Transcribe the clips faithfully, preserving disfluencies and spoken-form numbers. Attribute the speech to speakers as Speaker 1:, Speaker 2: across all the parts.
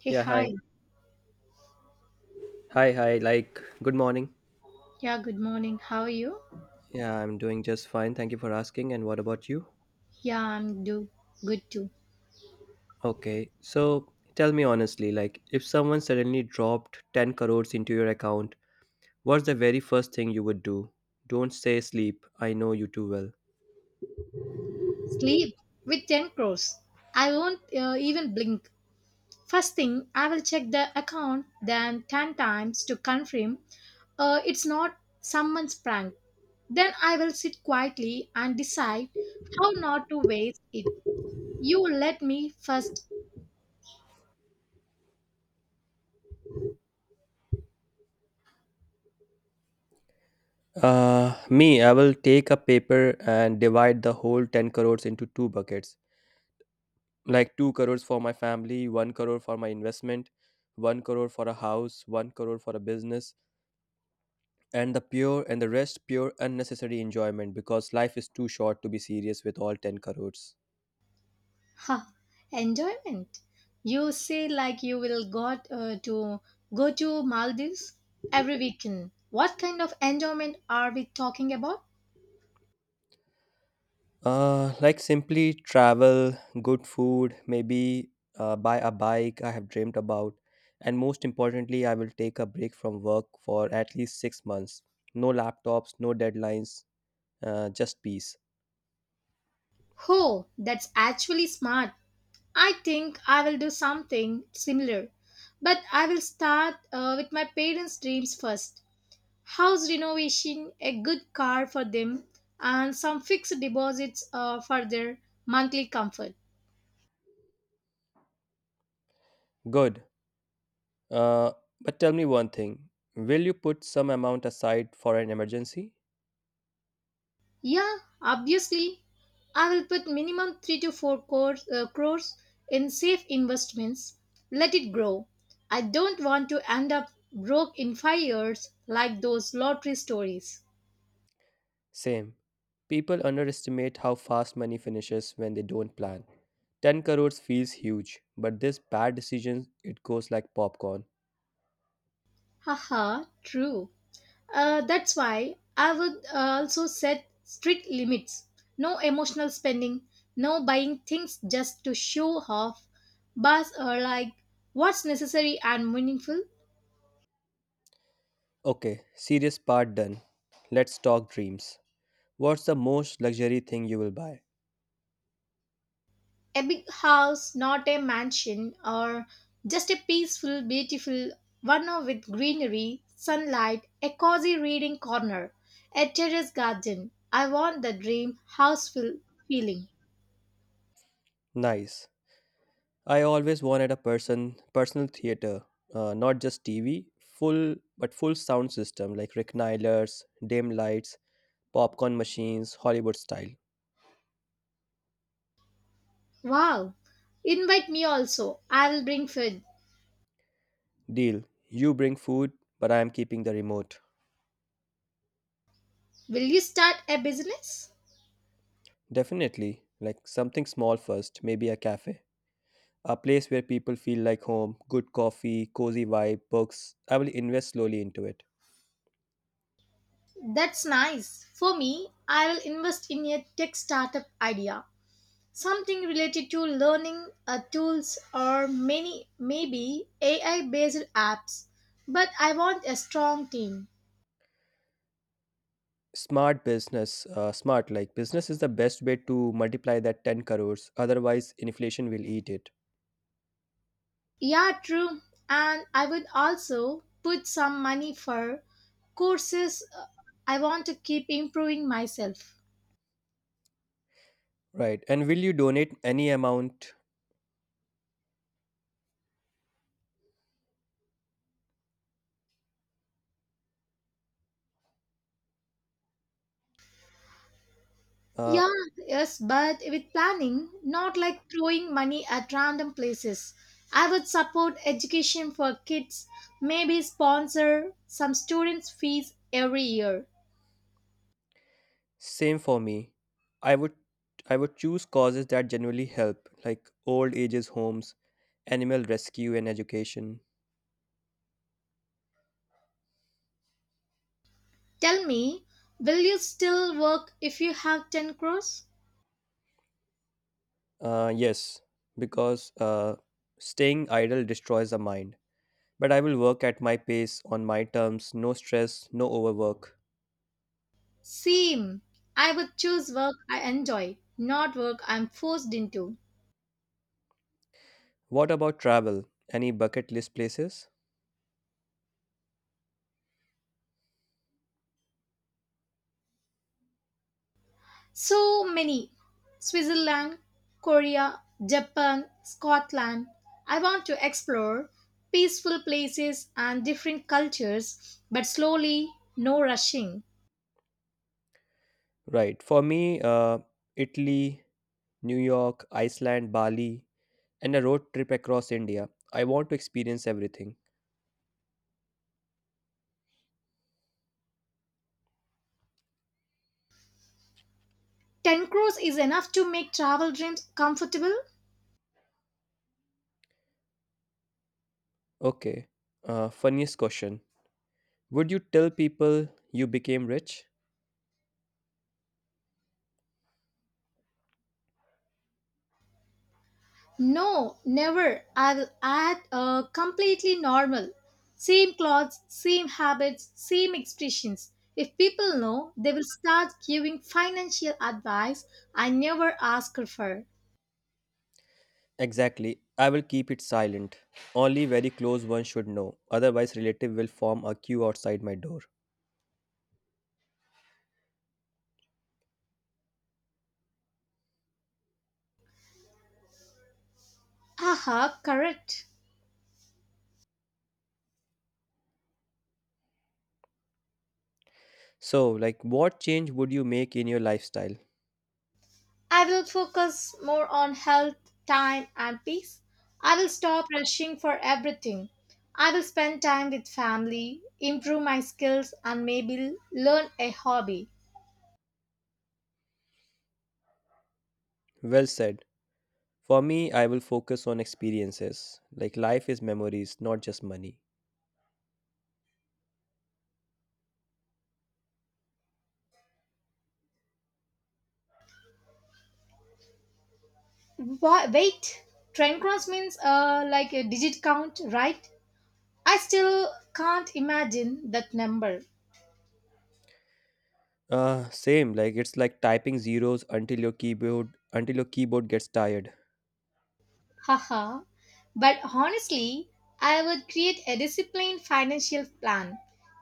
Speaker 1: Hey,
Speaker 2: Yeah,
Speaker 1: hi.
Speaker 2: hi. Hi, hi. Like, good morning.
Speaker 1: Yeah, good morning. How are you?
Speaker 2: Yeah, I'm doing just fine. Thank you for asking. And what about you?
Speaker 1: Yeah, I'm do good too.
Speaker 2: Okay. So, tell me honestly, like, if someone suddenly dropped 10 crores into your account, what's the very first thing you would do? Don't say sleep. I know you too well.
Speaker 1: Sleep with ten crores. I won't uh, even blink. First thing, I will check the account then ten times to confirm uh, it's not someone's prank. Then I will sit quietly and decide how not to waste it. You let me first.
Speaker 2: Uh, me, I will take a paper and divide the whole 10 crores into two buckets. Like 2 crores for my family, 1 crore for my investment, 1 crore for a house, 1 crore for a business, and the pure and the rest pure unnecessary enjoyment, because life is too short to be serious with all 10 crores.
Speaker 1: Ha, enjoyment. You say like you will got uh, to go to Maldives every weekend. What kind of enjoyment are we talking about?
Speaker 2: Uh like simply travel, good food maybe. Uh, buy a bike I have dreamed about, and most importantly I will take a break from work for at least 6 months. No laptops, no deadlines, uh, just peace.
Speaker 1: Oh, that's actually smart. I think I will do something similar. But I will start uh, with my parents' dreams first. House renovation, a good car for them, and some fixed deposits uh, for their monthly comfort.
Speaker 2: Good. Uh but tell me one thing, will you put some amount aside for an emergency?
Speaker 1: Yeah, obviously. I will put minimum three to four crores, uh, crores in safe investments. Let it grow. I don't want to end up broke in five years like those lottery stories.
Speaker 2: Same. People underestimate how fast money finishes when they don't plan. 10 crores feels huge, but this bad decision, it goes like popcorn.
Speaker 1: Haha, true. Uh, that's why I would uh, also set strict limits. No emotional spending, no buying things just to show off, but uh, like what's necessary and meaningful.
Speaker 2: Okay, serious part done. Let's talk dreams. What's the most luxury thing you will buy?
Speaker 1: A big house, not a mansion, or just a peaceful, beautiful one with greenery, sunlight, a cozy reading corner, a terrace garden. I want the dream house feel- feeling.
Speaker 2: Nice. I always wanted a person personal theater, uh, not just T V, full but full sound system, like recliners, dim lights, popcorn machines, Hollywood style.
Speaker 1: Wow! Invite me also. I will bring food.
Speaker 2: Deal. You bring food, but I am keeping the remote.
Speaker 1: Will you start a business?
Speaker 2: Definitely, like something small first, maybe a cafe. A place where people feel like home, good coffee, cozy vibe, books. I will invest slowly into it.
Speaker 1: That's nice. For me, I will invest in a tech startup idea. Something related to learning uh, tools or many maybe A I based apps. But I want a strong team.
Speaker 2: Smart business, uh, smart like business is the best way to multiply that 10 crores, otherwise, inflation will eat it.
Speaker 1: Yeah, true. And I would also put some money for courses. uh, I want to keep improving myself.
Speaker 2: Right. And will you donate any amount? Uh,
Speaker 1: Yeah, yes, but with planning, not like throwing money at random places. I would support education for kids, maybe sponsor some students' fees every year.
Speaker 2: same for me. I would I would choose causes that genuinely help, like old ages homes, animal rescue, and education.
Speaker 1: Tell me, will you still work if you have ten crores?
Speaker 2: Uh, yes, because uh, staying idle destroys the mind. But I will work at my pace, on my terms, no stress, no overwork.
Speaker 1: Same. I would choose work I enjoy, not work I'm forced into.
Speaker 2: What about travel? Any bucket list places?
Speaker 1: So many. Switzerland, Korea, Japan, Scotland. I want to explore peaceful places and different cultures, but slowly, no rushing.
Speaker 2: Right. For me, uh, Italy, New York, Iceland, Bali, and a road trip across India. I want to experience everything.
Speaker 1: ten crores is enough to make travel dreams comfortable.
Speaker 2: Okay. Uh, funniest question. Would you tell people you became rich?
Speaker 1: No, never. I'll act uh, completely normal. Same clothes, same habits, same expressions. If people know, they will start giving financial advice I never ask her for.
Speaker 2: Exactly. I will keep it silent. Only very close ones should know. Otherwise, relative will form a queue outside my door.
Speaker 1: Aha, correct.
Speaker 2: So, like, what change would you make in your lifestyle?
Speaker 1: I will focus more on health, time, and peace. I will stop rushing for everything. I will spend time with family, improve my skills, and maybe learn a hobby.
Speaker 2: Well said. For me, I will focus on experiences. Like, life is memories, not just money.
Speaker 1: Wa- Wait, trend cross means uh, like a digit count, right? I still can't imagine that number.
Speaker 2: Uh, same. Like, it's like typing zeros until your keyboard until your keyboard gets tired.
Speaker 1: Haha. But honestly, I would create a disciplined financial plan.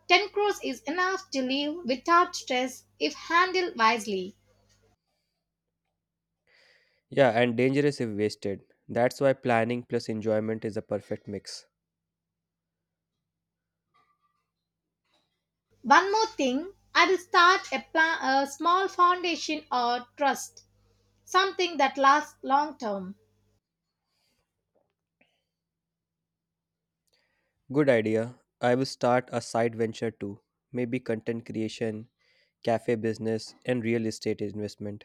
Speaker 1: ten crores is enough to live without stress if handled wisely.
Speaker 2: Yeah, and dangerous if wasted. That's why planning plus enjoyment is a perfect mix.
Speaker 1: One more thing, I will start a, pla- a small foundation or trust, something that lasts long term.
Speaker 2: Good idea. I will start a side venture too. Maybe content creation, cafe business, and real estate investment.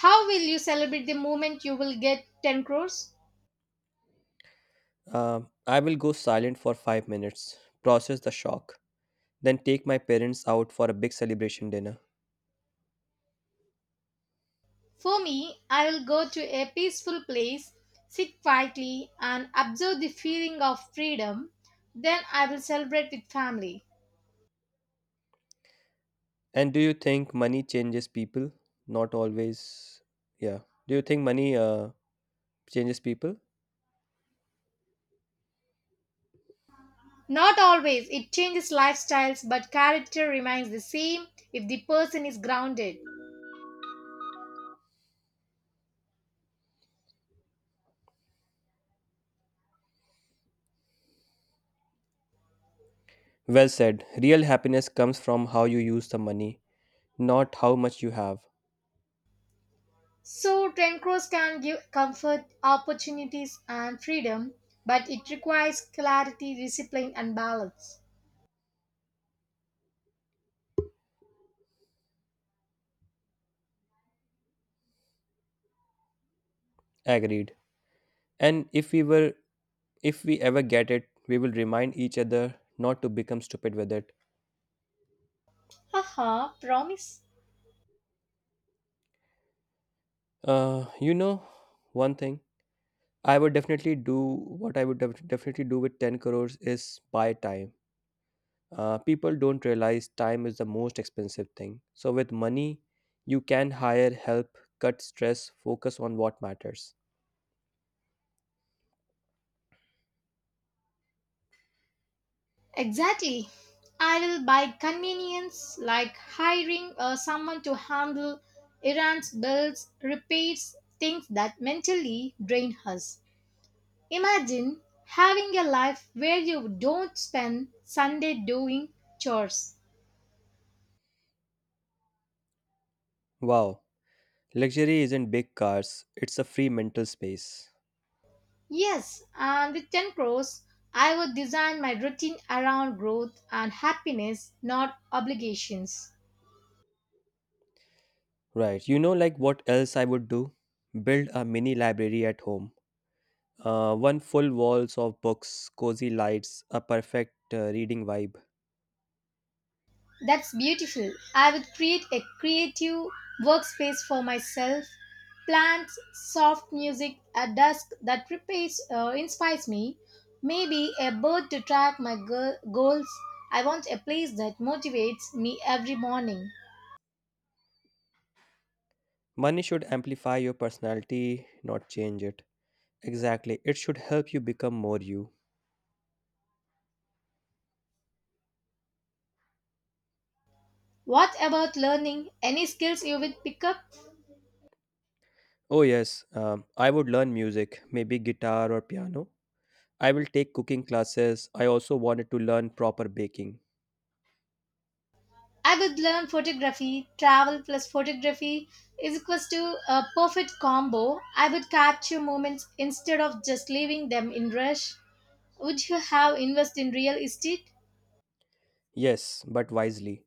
Speaker 1: How will you celebrate the moment you will get ten crores?
Speaker 2: Um, I will go silent for five minutes, process the shock, then take my parents out for a big celebration dinner.
Speaker 1: For me, I will go to a peaceful place, sit quietly, and observe the feeling of freedom. Then I will celebrate with family.
Speaker 2: And do you think money changes people? Not always. Yeah. Do you think money uh, changes people?
Speaker 1: Not always, it changes lifestyles, but character remains the same if the person is grounded.
Speaker 2: Well said. Real happiness comes from how you use the money, not how much you have.
Speaker 1: So, Trencross can give comfort, opportunities, and freedom, but it requires clarity, discipline, and balance.
Speaker 2: Agreed. And if we were If we ever get it, we will remind each other not to become stupid with it.
Speaker 1: Haha, promise.
Speaker 2: Uh, you know, one thing I would definitely do, what I would def- definitely do with 10 crores, is buy time. Uh, people don't realize time is the most expensive thing. So, with money, you can hire help, cut stress, focus on what matters.
Speaker 1: Exactly. I will buy convenience like hiring uh, someone to handle errands, bills, repairs, things that mentally drain us. Imagine having a life where you don't spend Sunday doing chores.
Speaker 2: Wow, luxury isn't big cars, it's a free mental space.
Speaker 1: Yes, and with ten crores, I would design my routine around growth and happiness, not obligations.
Speaker 2: Right, you know, like what else I would do? Build a mini library at home. Uh, one full walls of books, cozy lights, a perfect uh, reading vibe.
Speaker 1: That's beautiful. I would create a creative workspace for myself. Plants, soft music at dusk that prepares, uh, inspires me. Maybe a bird to track my go- goals. I want a place that motivates me every morning.
Speaker 2: Money should amplify your personality, not change it. Exactly, it should help you become more you.
Speaker 1: What about learning? Any skills you would pick up?
Speaker 2: Oh, yes, um, I would learn music, maybe guitar or piano. I will take cooking classes. I also wanted to learn proper baking.
Speaker 1: I would learn photography. Travel plus photography is equals to a perfect combo. I would capture moments instead of just leaving them in rush. Would you have invested in real estate?
Speaker 2: Yes, but wisely.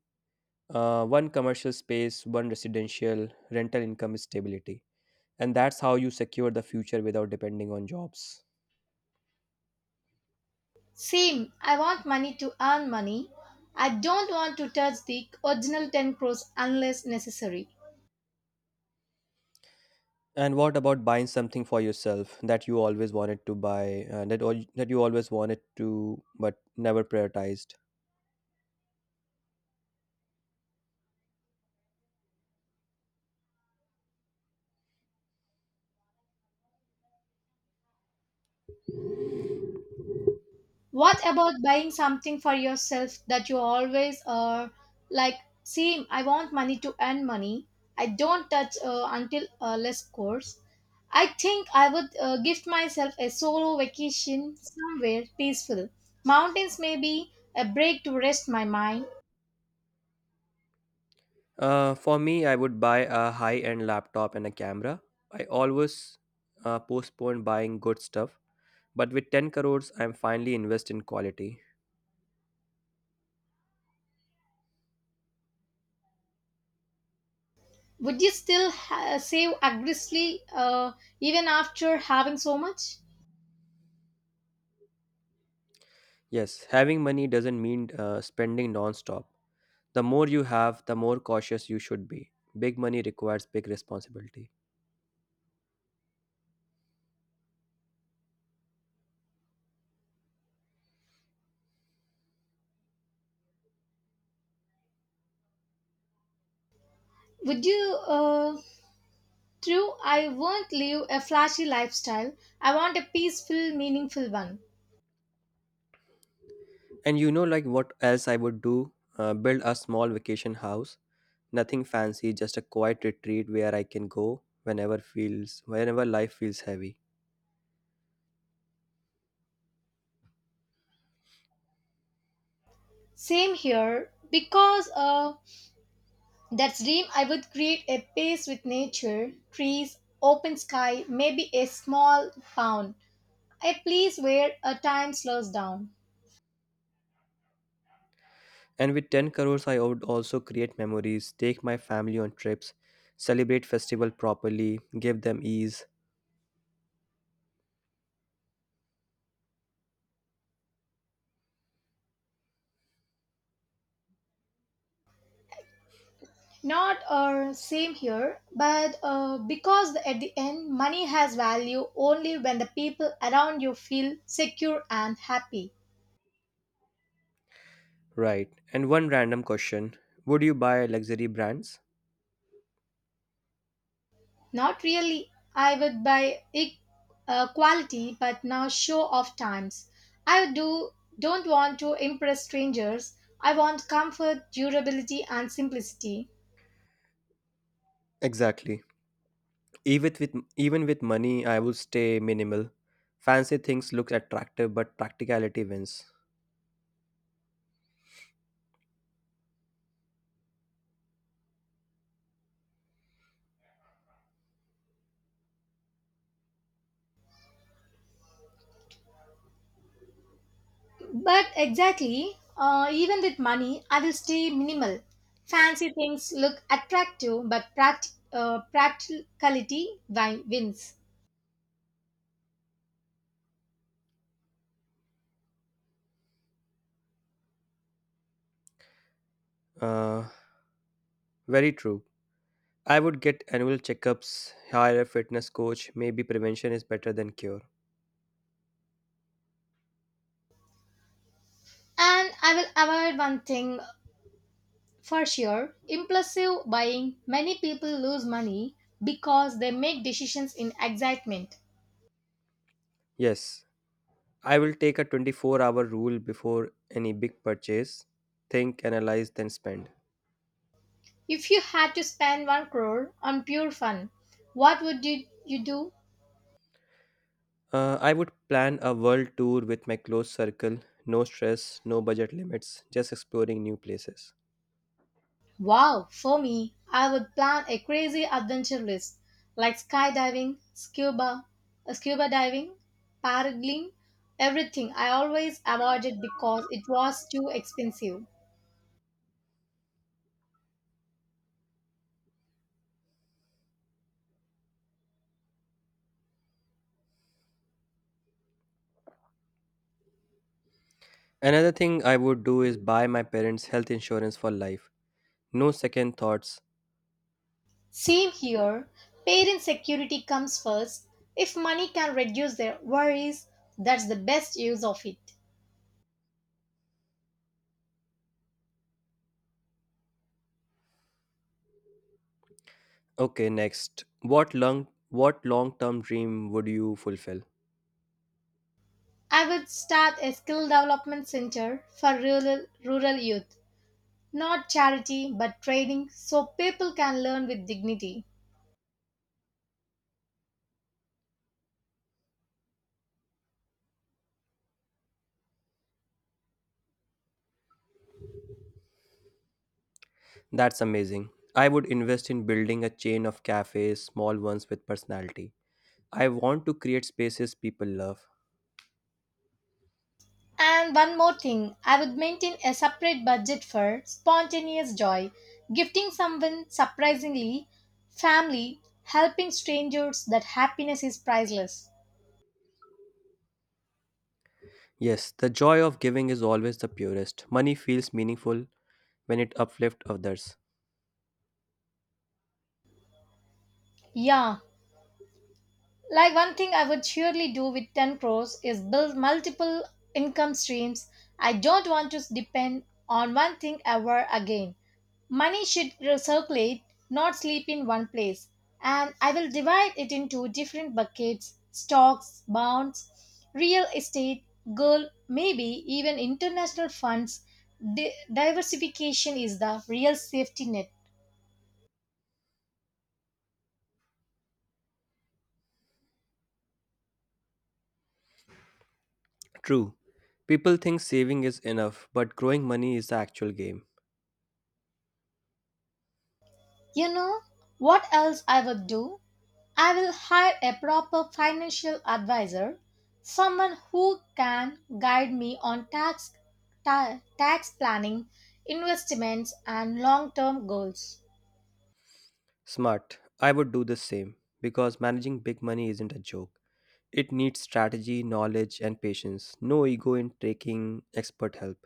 Speaker 2: Uh, one commercial space, one residential, rental income stability. And that's how you secure the future without depending on jobs.
Speaker 1: Same. I want money to earn money. I don't want to touch the original ten crores unless necessary.
Speaker 2: And what about buying something for yourself that you always wanted to buy, uh, that al- that you always wanted to but never prioritized?
Speaker 1: What about buying something for yourself that you always are like, same, I want money to earn money. I don't touch uh, until uh, less course. I think I would uh, gift myself a solo vacation somewhere peaceful. Mountains maybe, a break to rest my mind.
Speaker 2: Uh, for me, I would buy a high-end laptop and a camera. I always uh, postpone buying good stuff, but with 10 crores, I'm finally invest in quality.
Speaker 1: Would you still ha- save aggressively uh, even after having so much?
Speaker 2: Yes, having money doesn't mean uh, spending non-stop. The more you have, the more cautious you should be. Big money requires big responsibility.
Speaker 1: Would you? Uh, true, I won't live a flashy lifestyle. I want a peaceful, meaningful one.
Speaker 2: And you know, like what else I would do? Uh, build a small vacation house. Nothing fancy, just a quiet retreat where I can go whenever feels whenever life feels heavy.
Speaker 1: Same here, because uh, that dream I would create a place with nature, trees, open sky, maybe a small town, a place where a time slows down.
Speaker 2: And with 10 crores, I would also create memories, take my family on trips, celebrate festival properly, give them ease.
Speaker 1: Not uh, same here, but uh, because at the end, money has value only when the people around you feel secure and happy.
Speaker 2: Right. And one random question. Would you buy luxury brands?
Speaker 1: Not really. I would buy e- uh, quality, but now show off times. I do don't want to impress strangers. I want comfort, durability, and simplicity.
Speaker 2: Exactly. Even with even with money, I would stay minimal. Fancy things look attractive, but practicality wins.
Speaker 1: But exactly, uh, even with money, I will stay minimal. Fancy things look attractive, but pract- uh, practicality wi- wins.
Speaker 2: Uh, very true. I would get annual checkups, hire a fitness coach, maybe prevention is better than cure.
Speaker 1: And I will avoid one thing for sure impulsive buying. Many people lose money because they make decisions in excitement.
Speaker 2: Yes, I will take a 24 hour rule before any big purchase, think, analyze, then spend.
Speaker 1: If you had to spend one crore on pure fun, what would you, you do?
Speaker 2: Uh, I would plan a world tour with my close circle, no stress, no budget limits, just exploring new places.
Speaker 1: Wow, for me, I would plan a crazy adventure list like skydiving, scuba, uh, scuba diving, paragliding, everything I always avoided because it was too expensive.
Speaker 2: Another thing I would do is buy my parents' health insurance for life. No second thoughts.
Speaker 1: Same here, parent security comes first. If money can reduce their worries, that's the best use of it.
Speaker 2: Okay, next. What long what long-term dream would you fulfill?
Speaker 1: I would start a skill development center for rural, rural youth. Not charity, but training so people can learn with dignity.
Speaker 2: That's amazing. I would invest in building a chain of cafes, small ones with personality. I want to create spaces people love.
Speaker 1: And one more thing, I would maintain a separate budget for spontaneous joy, gifting someone surprisingly, family, helping strangers, that happiness is priceless.
Speaker 2: Yes, the joy of giving is always the purest. Money feels meaningful when it uplifts others.
Speaker 1: Yeah, like one thing I would surely do with ten crores is build multiple income streams. I don't want to depend on one thing ever again. Money should circulate, not sleep in one place. And I will divide it into different buckets stocks, bonds, real estate, gold, maybe even international funds. Di- diversification is the real safety net.
Speaker 2: True. People think saving is enough, but growing money is the actual game.
Speaker 1: You know what else I will do? I will hire a proper financial advisor, someone who can guide me on tax, ta- tax planning, investments, and long term goals.
Speaker 2: Smart. I would do the same, because managing big money isn't a joke. It needs strategy, knowledge, and patience. No ego in taking expert help.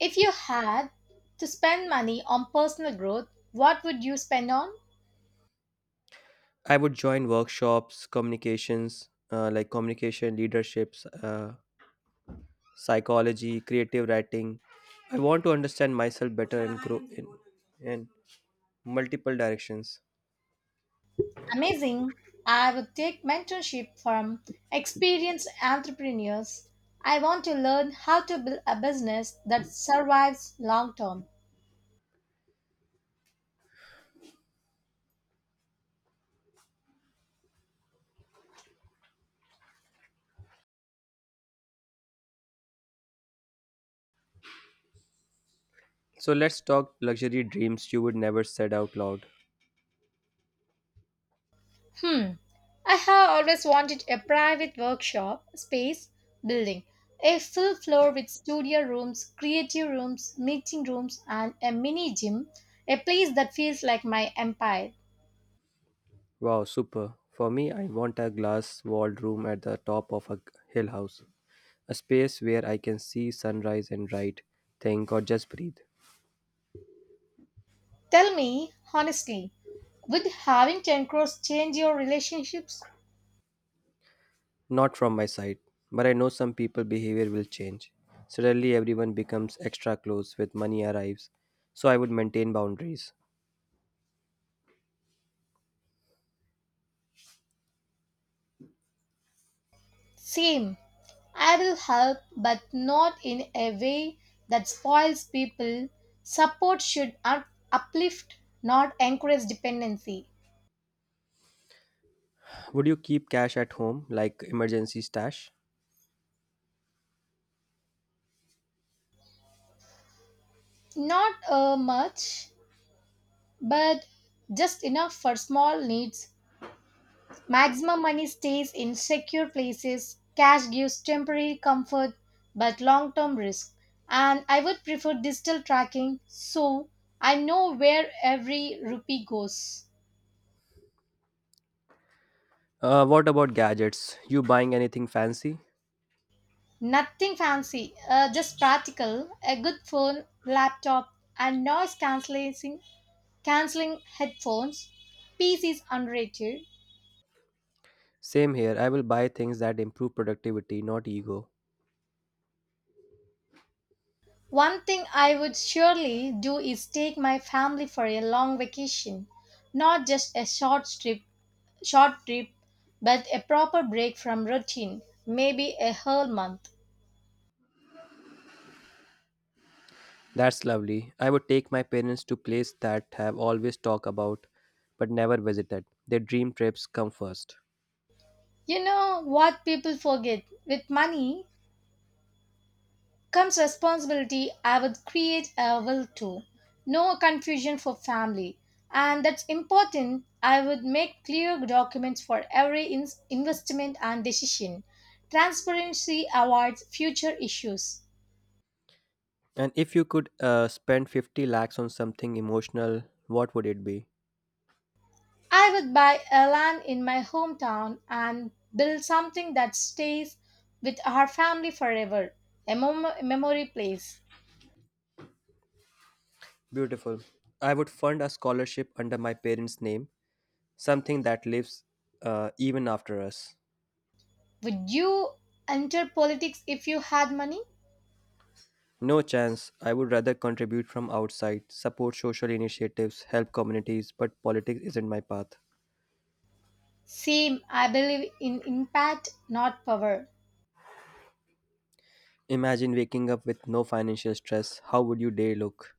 Speaker 1: If you had to spend money on personal growth, what would you spend on?
Speaker 2: I would join workshops, communications, uh, like communication, leaderships, uh, psychology, creative writing. I want to understand myself better and grow in, in multiple directions.
Speaker 1: Amazing. I would take mentorship from experienced entrepreneurs. I want to learn how to build a business that survives long term.
Speaker 2: So let's talk luxury dreams you would never said out loud.
Speaker 1: Hmm. I have always wanted a private workshop space building. A full floor with studio rooms, creative rooms, meeting rooms, and a mini gym. A place that feels like my empire.
Speaker 2: Wow, super. For me, I want a glass walled room at the top of a hill house, a space where I can see sunrise and write, think, or just breathe.
Speaker 1: Tell me honestly, would having ten crores change your relationships?
Speaker 2: Not from my side, but I know some people behavior will change. Suddenly everyone becomes extra close with money arrives, so I would maintain boundaries.
Speaker 1: Same. I will help, but not in a way that spoils people. Support should up- uplift, not encourage dependency.
Speaker 2: Would you keep cash at home like emergency stash?
Speaker 1: Not uh, much, but just enough for small needs. Maximum money stays in secure places. Cash gives temporary comfort but long term risk. And I would prefer digital tracking so I know where every rupee goes.
Speaker 2: Uh, what about gadgets? You buying anything fancy?
Speaker 1: Nothing fancy, uh, just practical. A good phone, laptop, and noise cancelling canceling headphones. Peace is underrated.
Speaker 2: Same here. I will buy things that improve productivity, not ego.
Speaker 1: One thing I would surely do is take my family for a long vacation, not just a short trip short trip, but a proper break from routine, maybe a whole month.
Speaker 2: That's lovely. I would take my parents to places that have always talked about but never visited. Their dream trips come first.
Speaker 1: You know what people forget? With money comes responsibility. I would create a will too. No confusion for family. And that's important. I would make clear documents for every in- investment and decision. Transparency avoids future issues.
Speaker 2: And if you could uh, spend 50 lakhs on something emotional, what would it be?
Speaker 1: I would buy a land in my hometown and build something that stays with our family forever, a mem- memory place.
Speaker 2: Beautiful. I would fund a scholarship under my parents' name, something that lives uh, even after us.
Speaker 1: Would you enter politics if you had money?
Speaker 2: No chance. I would rather contribute from outside, support social initiatives, help communities, but politics isn't my path.
Speaker 1: Same, I believe in impact, not power.
Speaker 2: Imagine waking up with no financial stress. How would your day look?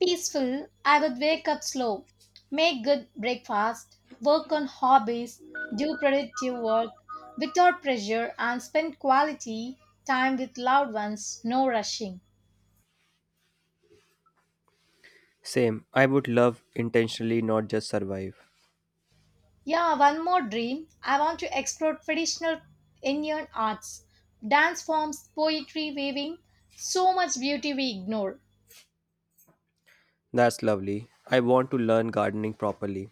Speaker 1: Peaceful, I would wake up slow, make good breakfast, work on hobbies, do productive work without pressure, and spend quality time with loved ones, no rushing.
Speaker 2: Same. I would love intentionally, not just survive.
Speaker 1: Yeah, one more dream. I want to explore traditional Indian arts, dance forms, poetry, weaving, so much beauty we ignore.
Speaker 2: That's lovely. I want to learn gardening properly.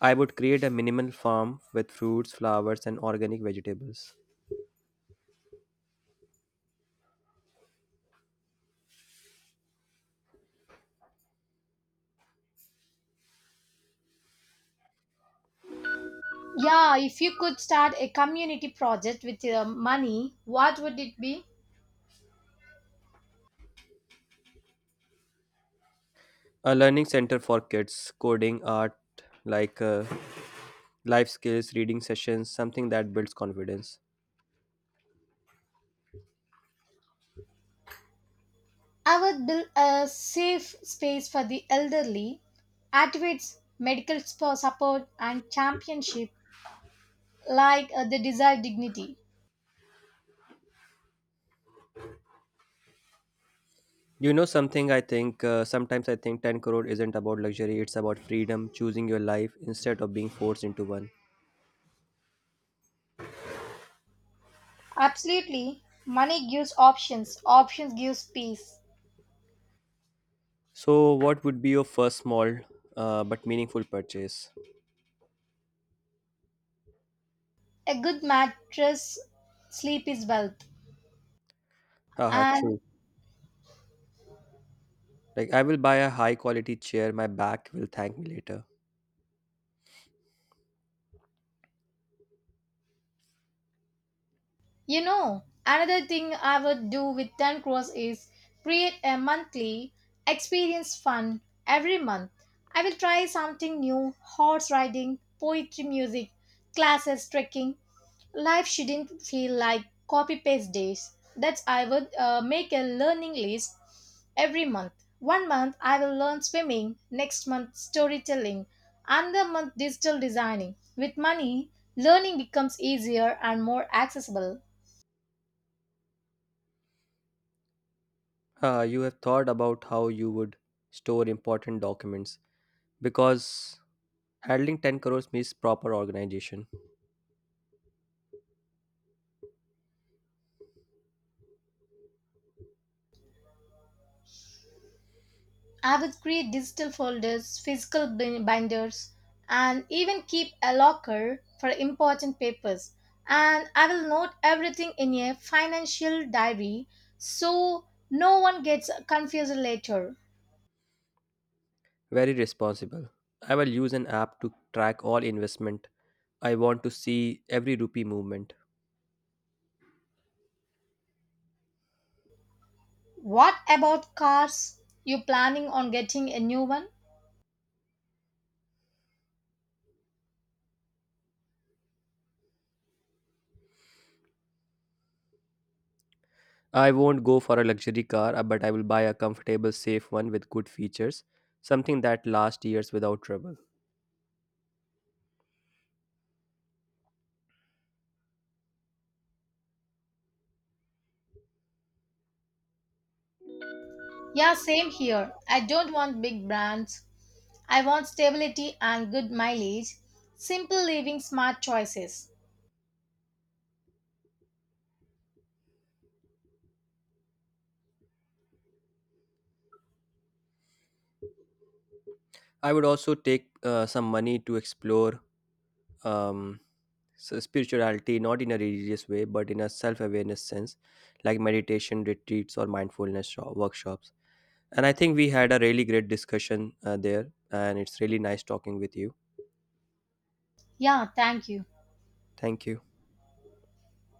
Speaker 2: I would create a minimal farm with fruits, flowers, and organic vegetables.
Speaker 1: Yeah, if you could start a community project with your money, what would it be?
Speaker 2: A learning center for kids, coding, art, like uh, life skills, reading sessions, something that builds confidence.
Speaker 1: I would build a safe space for the elderly, activates medical spo- support and championship like uh, the desired dignity.
Speaker 2: You know, something I think, uh, sometimes I think 10 crore isn't about luxury, it's about freedom, choosing your life instead of being forced into one.
Speaker 1: Absolutely, money gives options, options gives peace.
Speaker 2: So, what would be your first small, uh, but meaningful purchase?
Speaker 1: A good mattress sleep is wealth,
Speaker 2: Haha,
Speaker 1: and
Speaker 2: true. Like, I will buy a high quality chair, my back will thank me later.
Speaker 1: you know, another thing I would do with ten crores is create a monthly experience fund every month. I will try something new horse riding, poetry, music, classes, trekking. Life shouldn't feel like copy paste days. That's I would uh, make a learning list every month. One month I will learn swimming, next month storytelling, another month digital designing. With money, learning becomes easier and more accessible.
Speaker 2: Uh, you have thought about how you would store important documents, because handling 10 crores means proper organization.
Speaker 1: I would create digital folders, physical bin- binders, and even keep a locker for important papers. And I will note everything in a financial diary so no one gets confused later.
Speaker 2: Very responsible. I will use an app to track all investment. I want to see every rupee movement.
Speaker 1: What about cars? You planning on getting a new one?
Speaker 2: I won't go for a luxury car, uh, but I will buy a comfortable, safe one with good features, something that lasts years without trouble.
Speaker 1: Yeah, same here. I don't want big brands. I want stability and good mileage. Simple living smart choices.
Speaker 2: I would also take uh, some money to explore um, s- spirituality, not in a religious way but in a self-awareness sense, like meditation retreats or mindfulness sho- workshops. And I think we had a really great discussion uh, there, and it's really nice talking with you.
Speaker 1: Yeah, thank you.
Speaker 2: Thank you.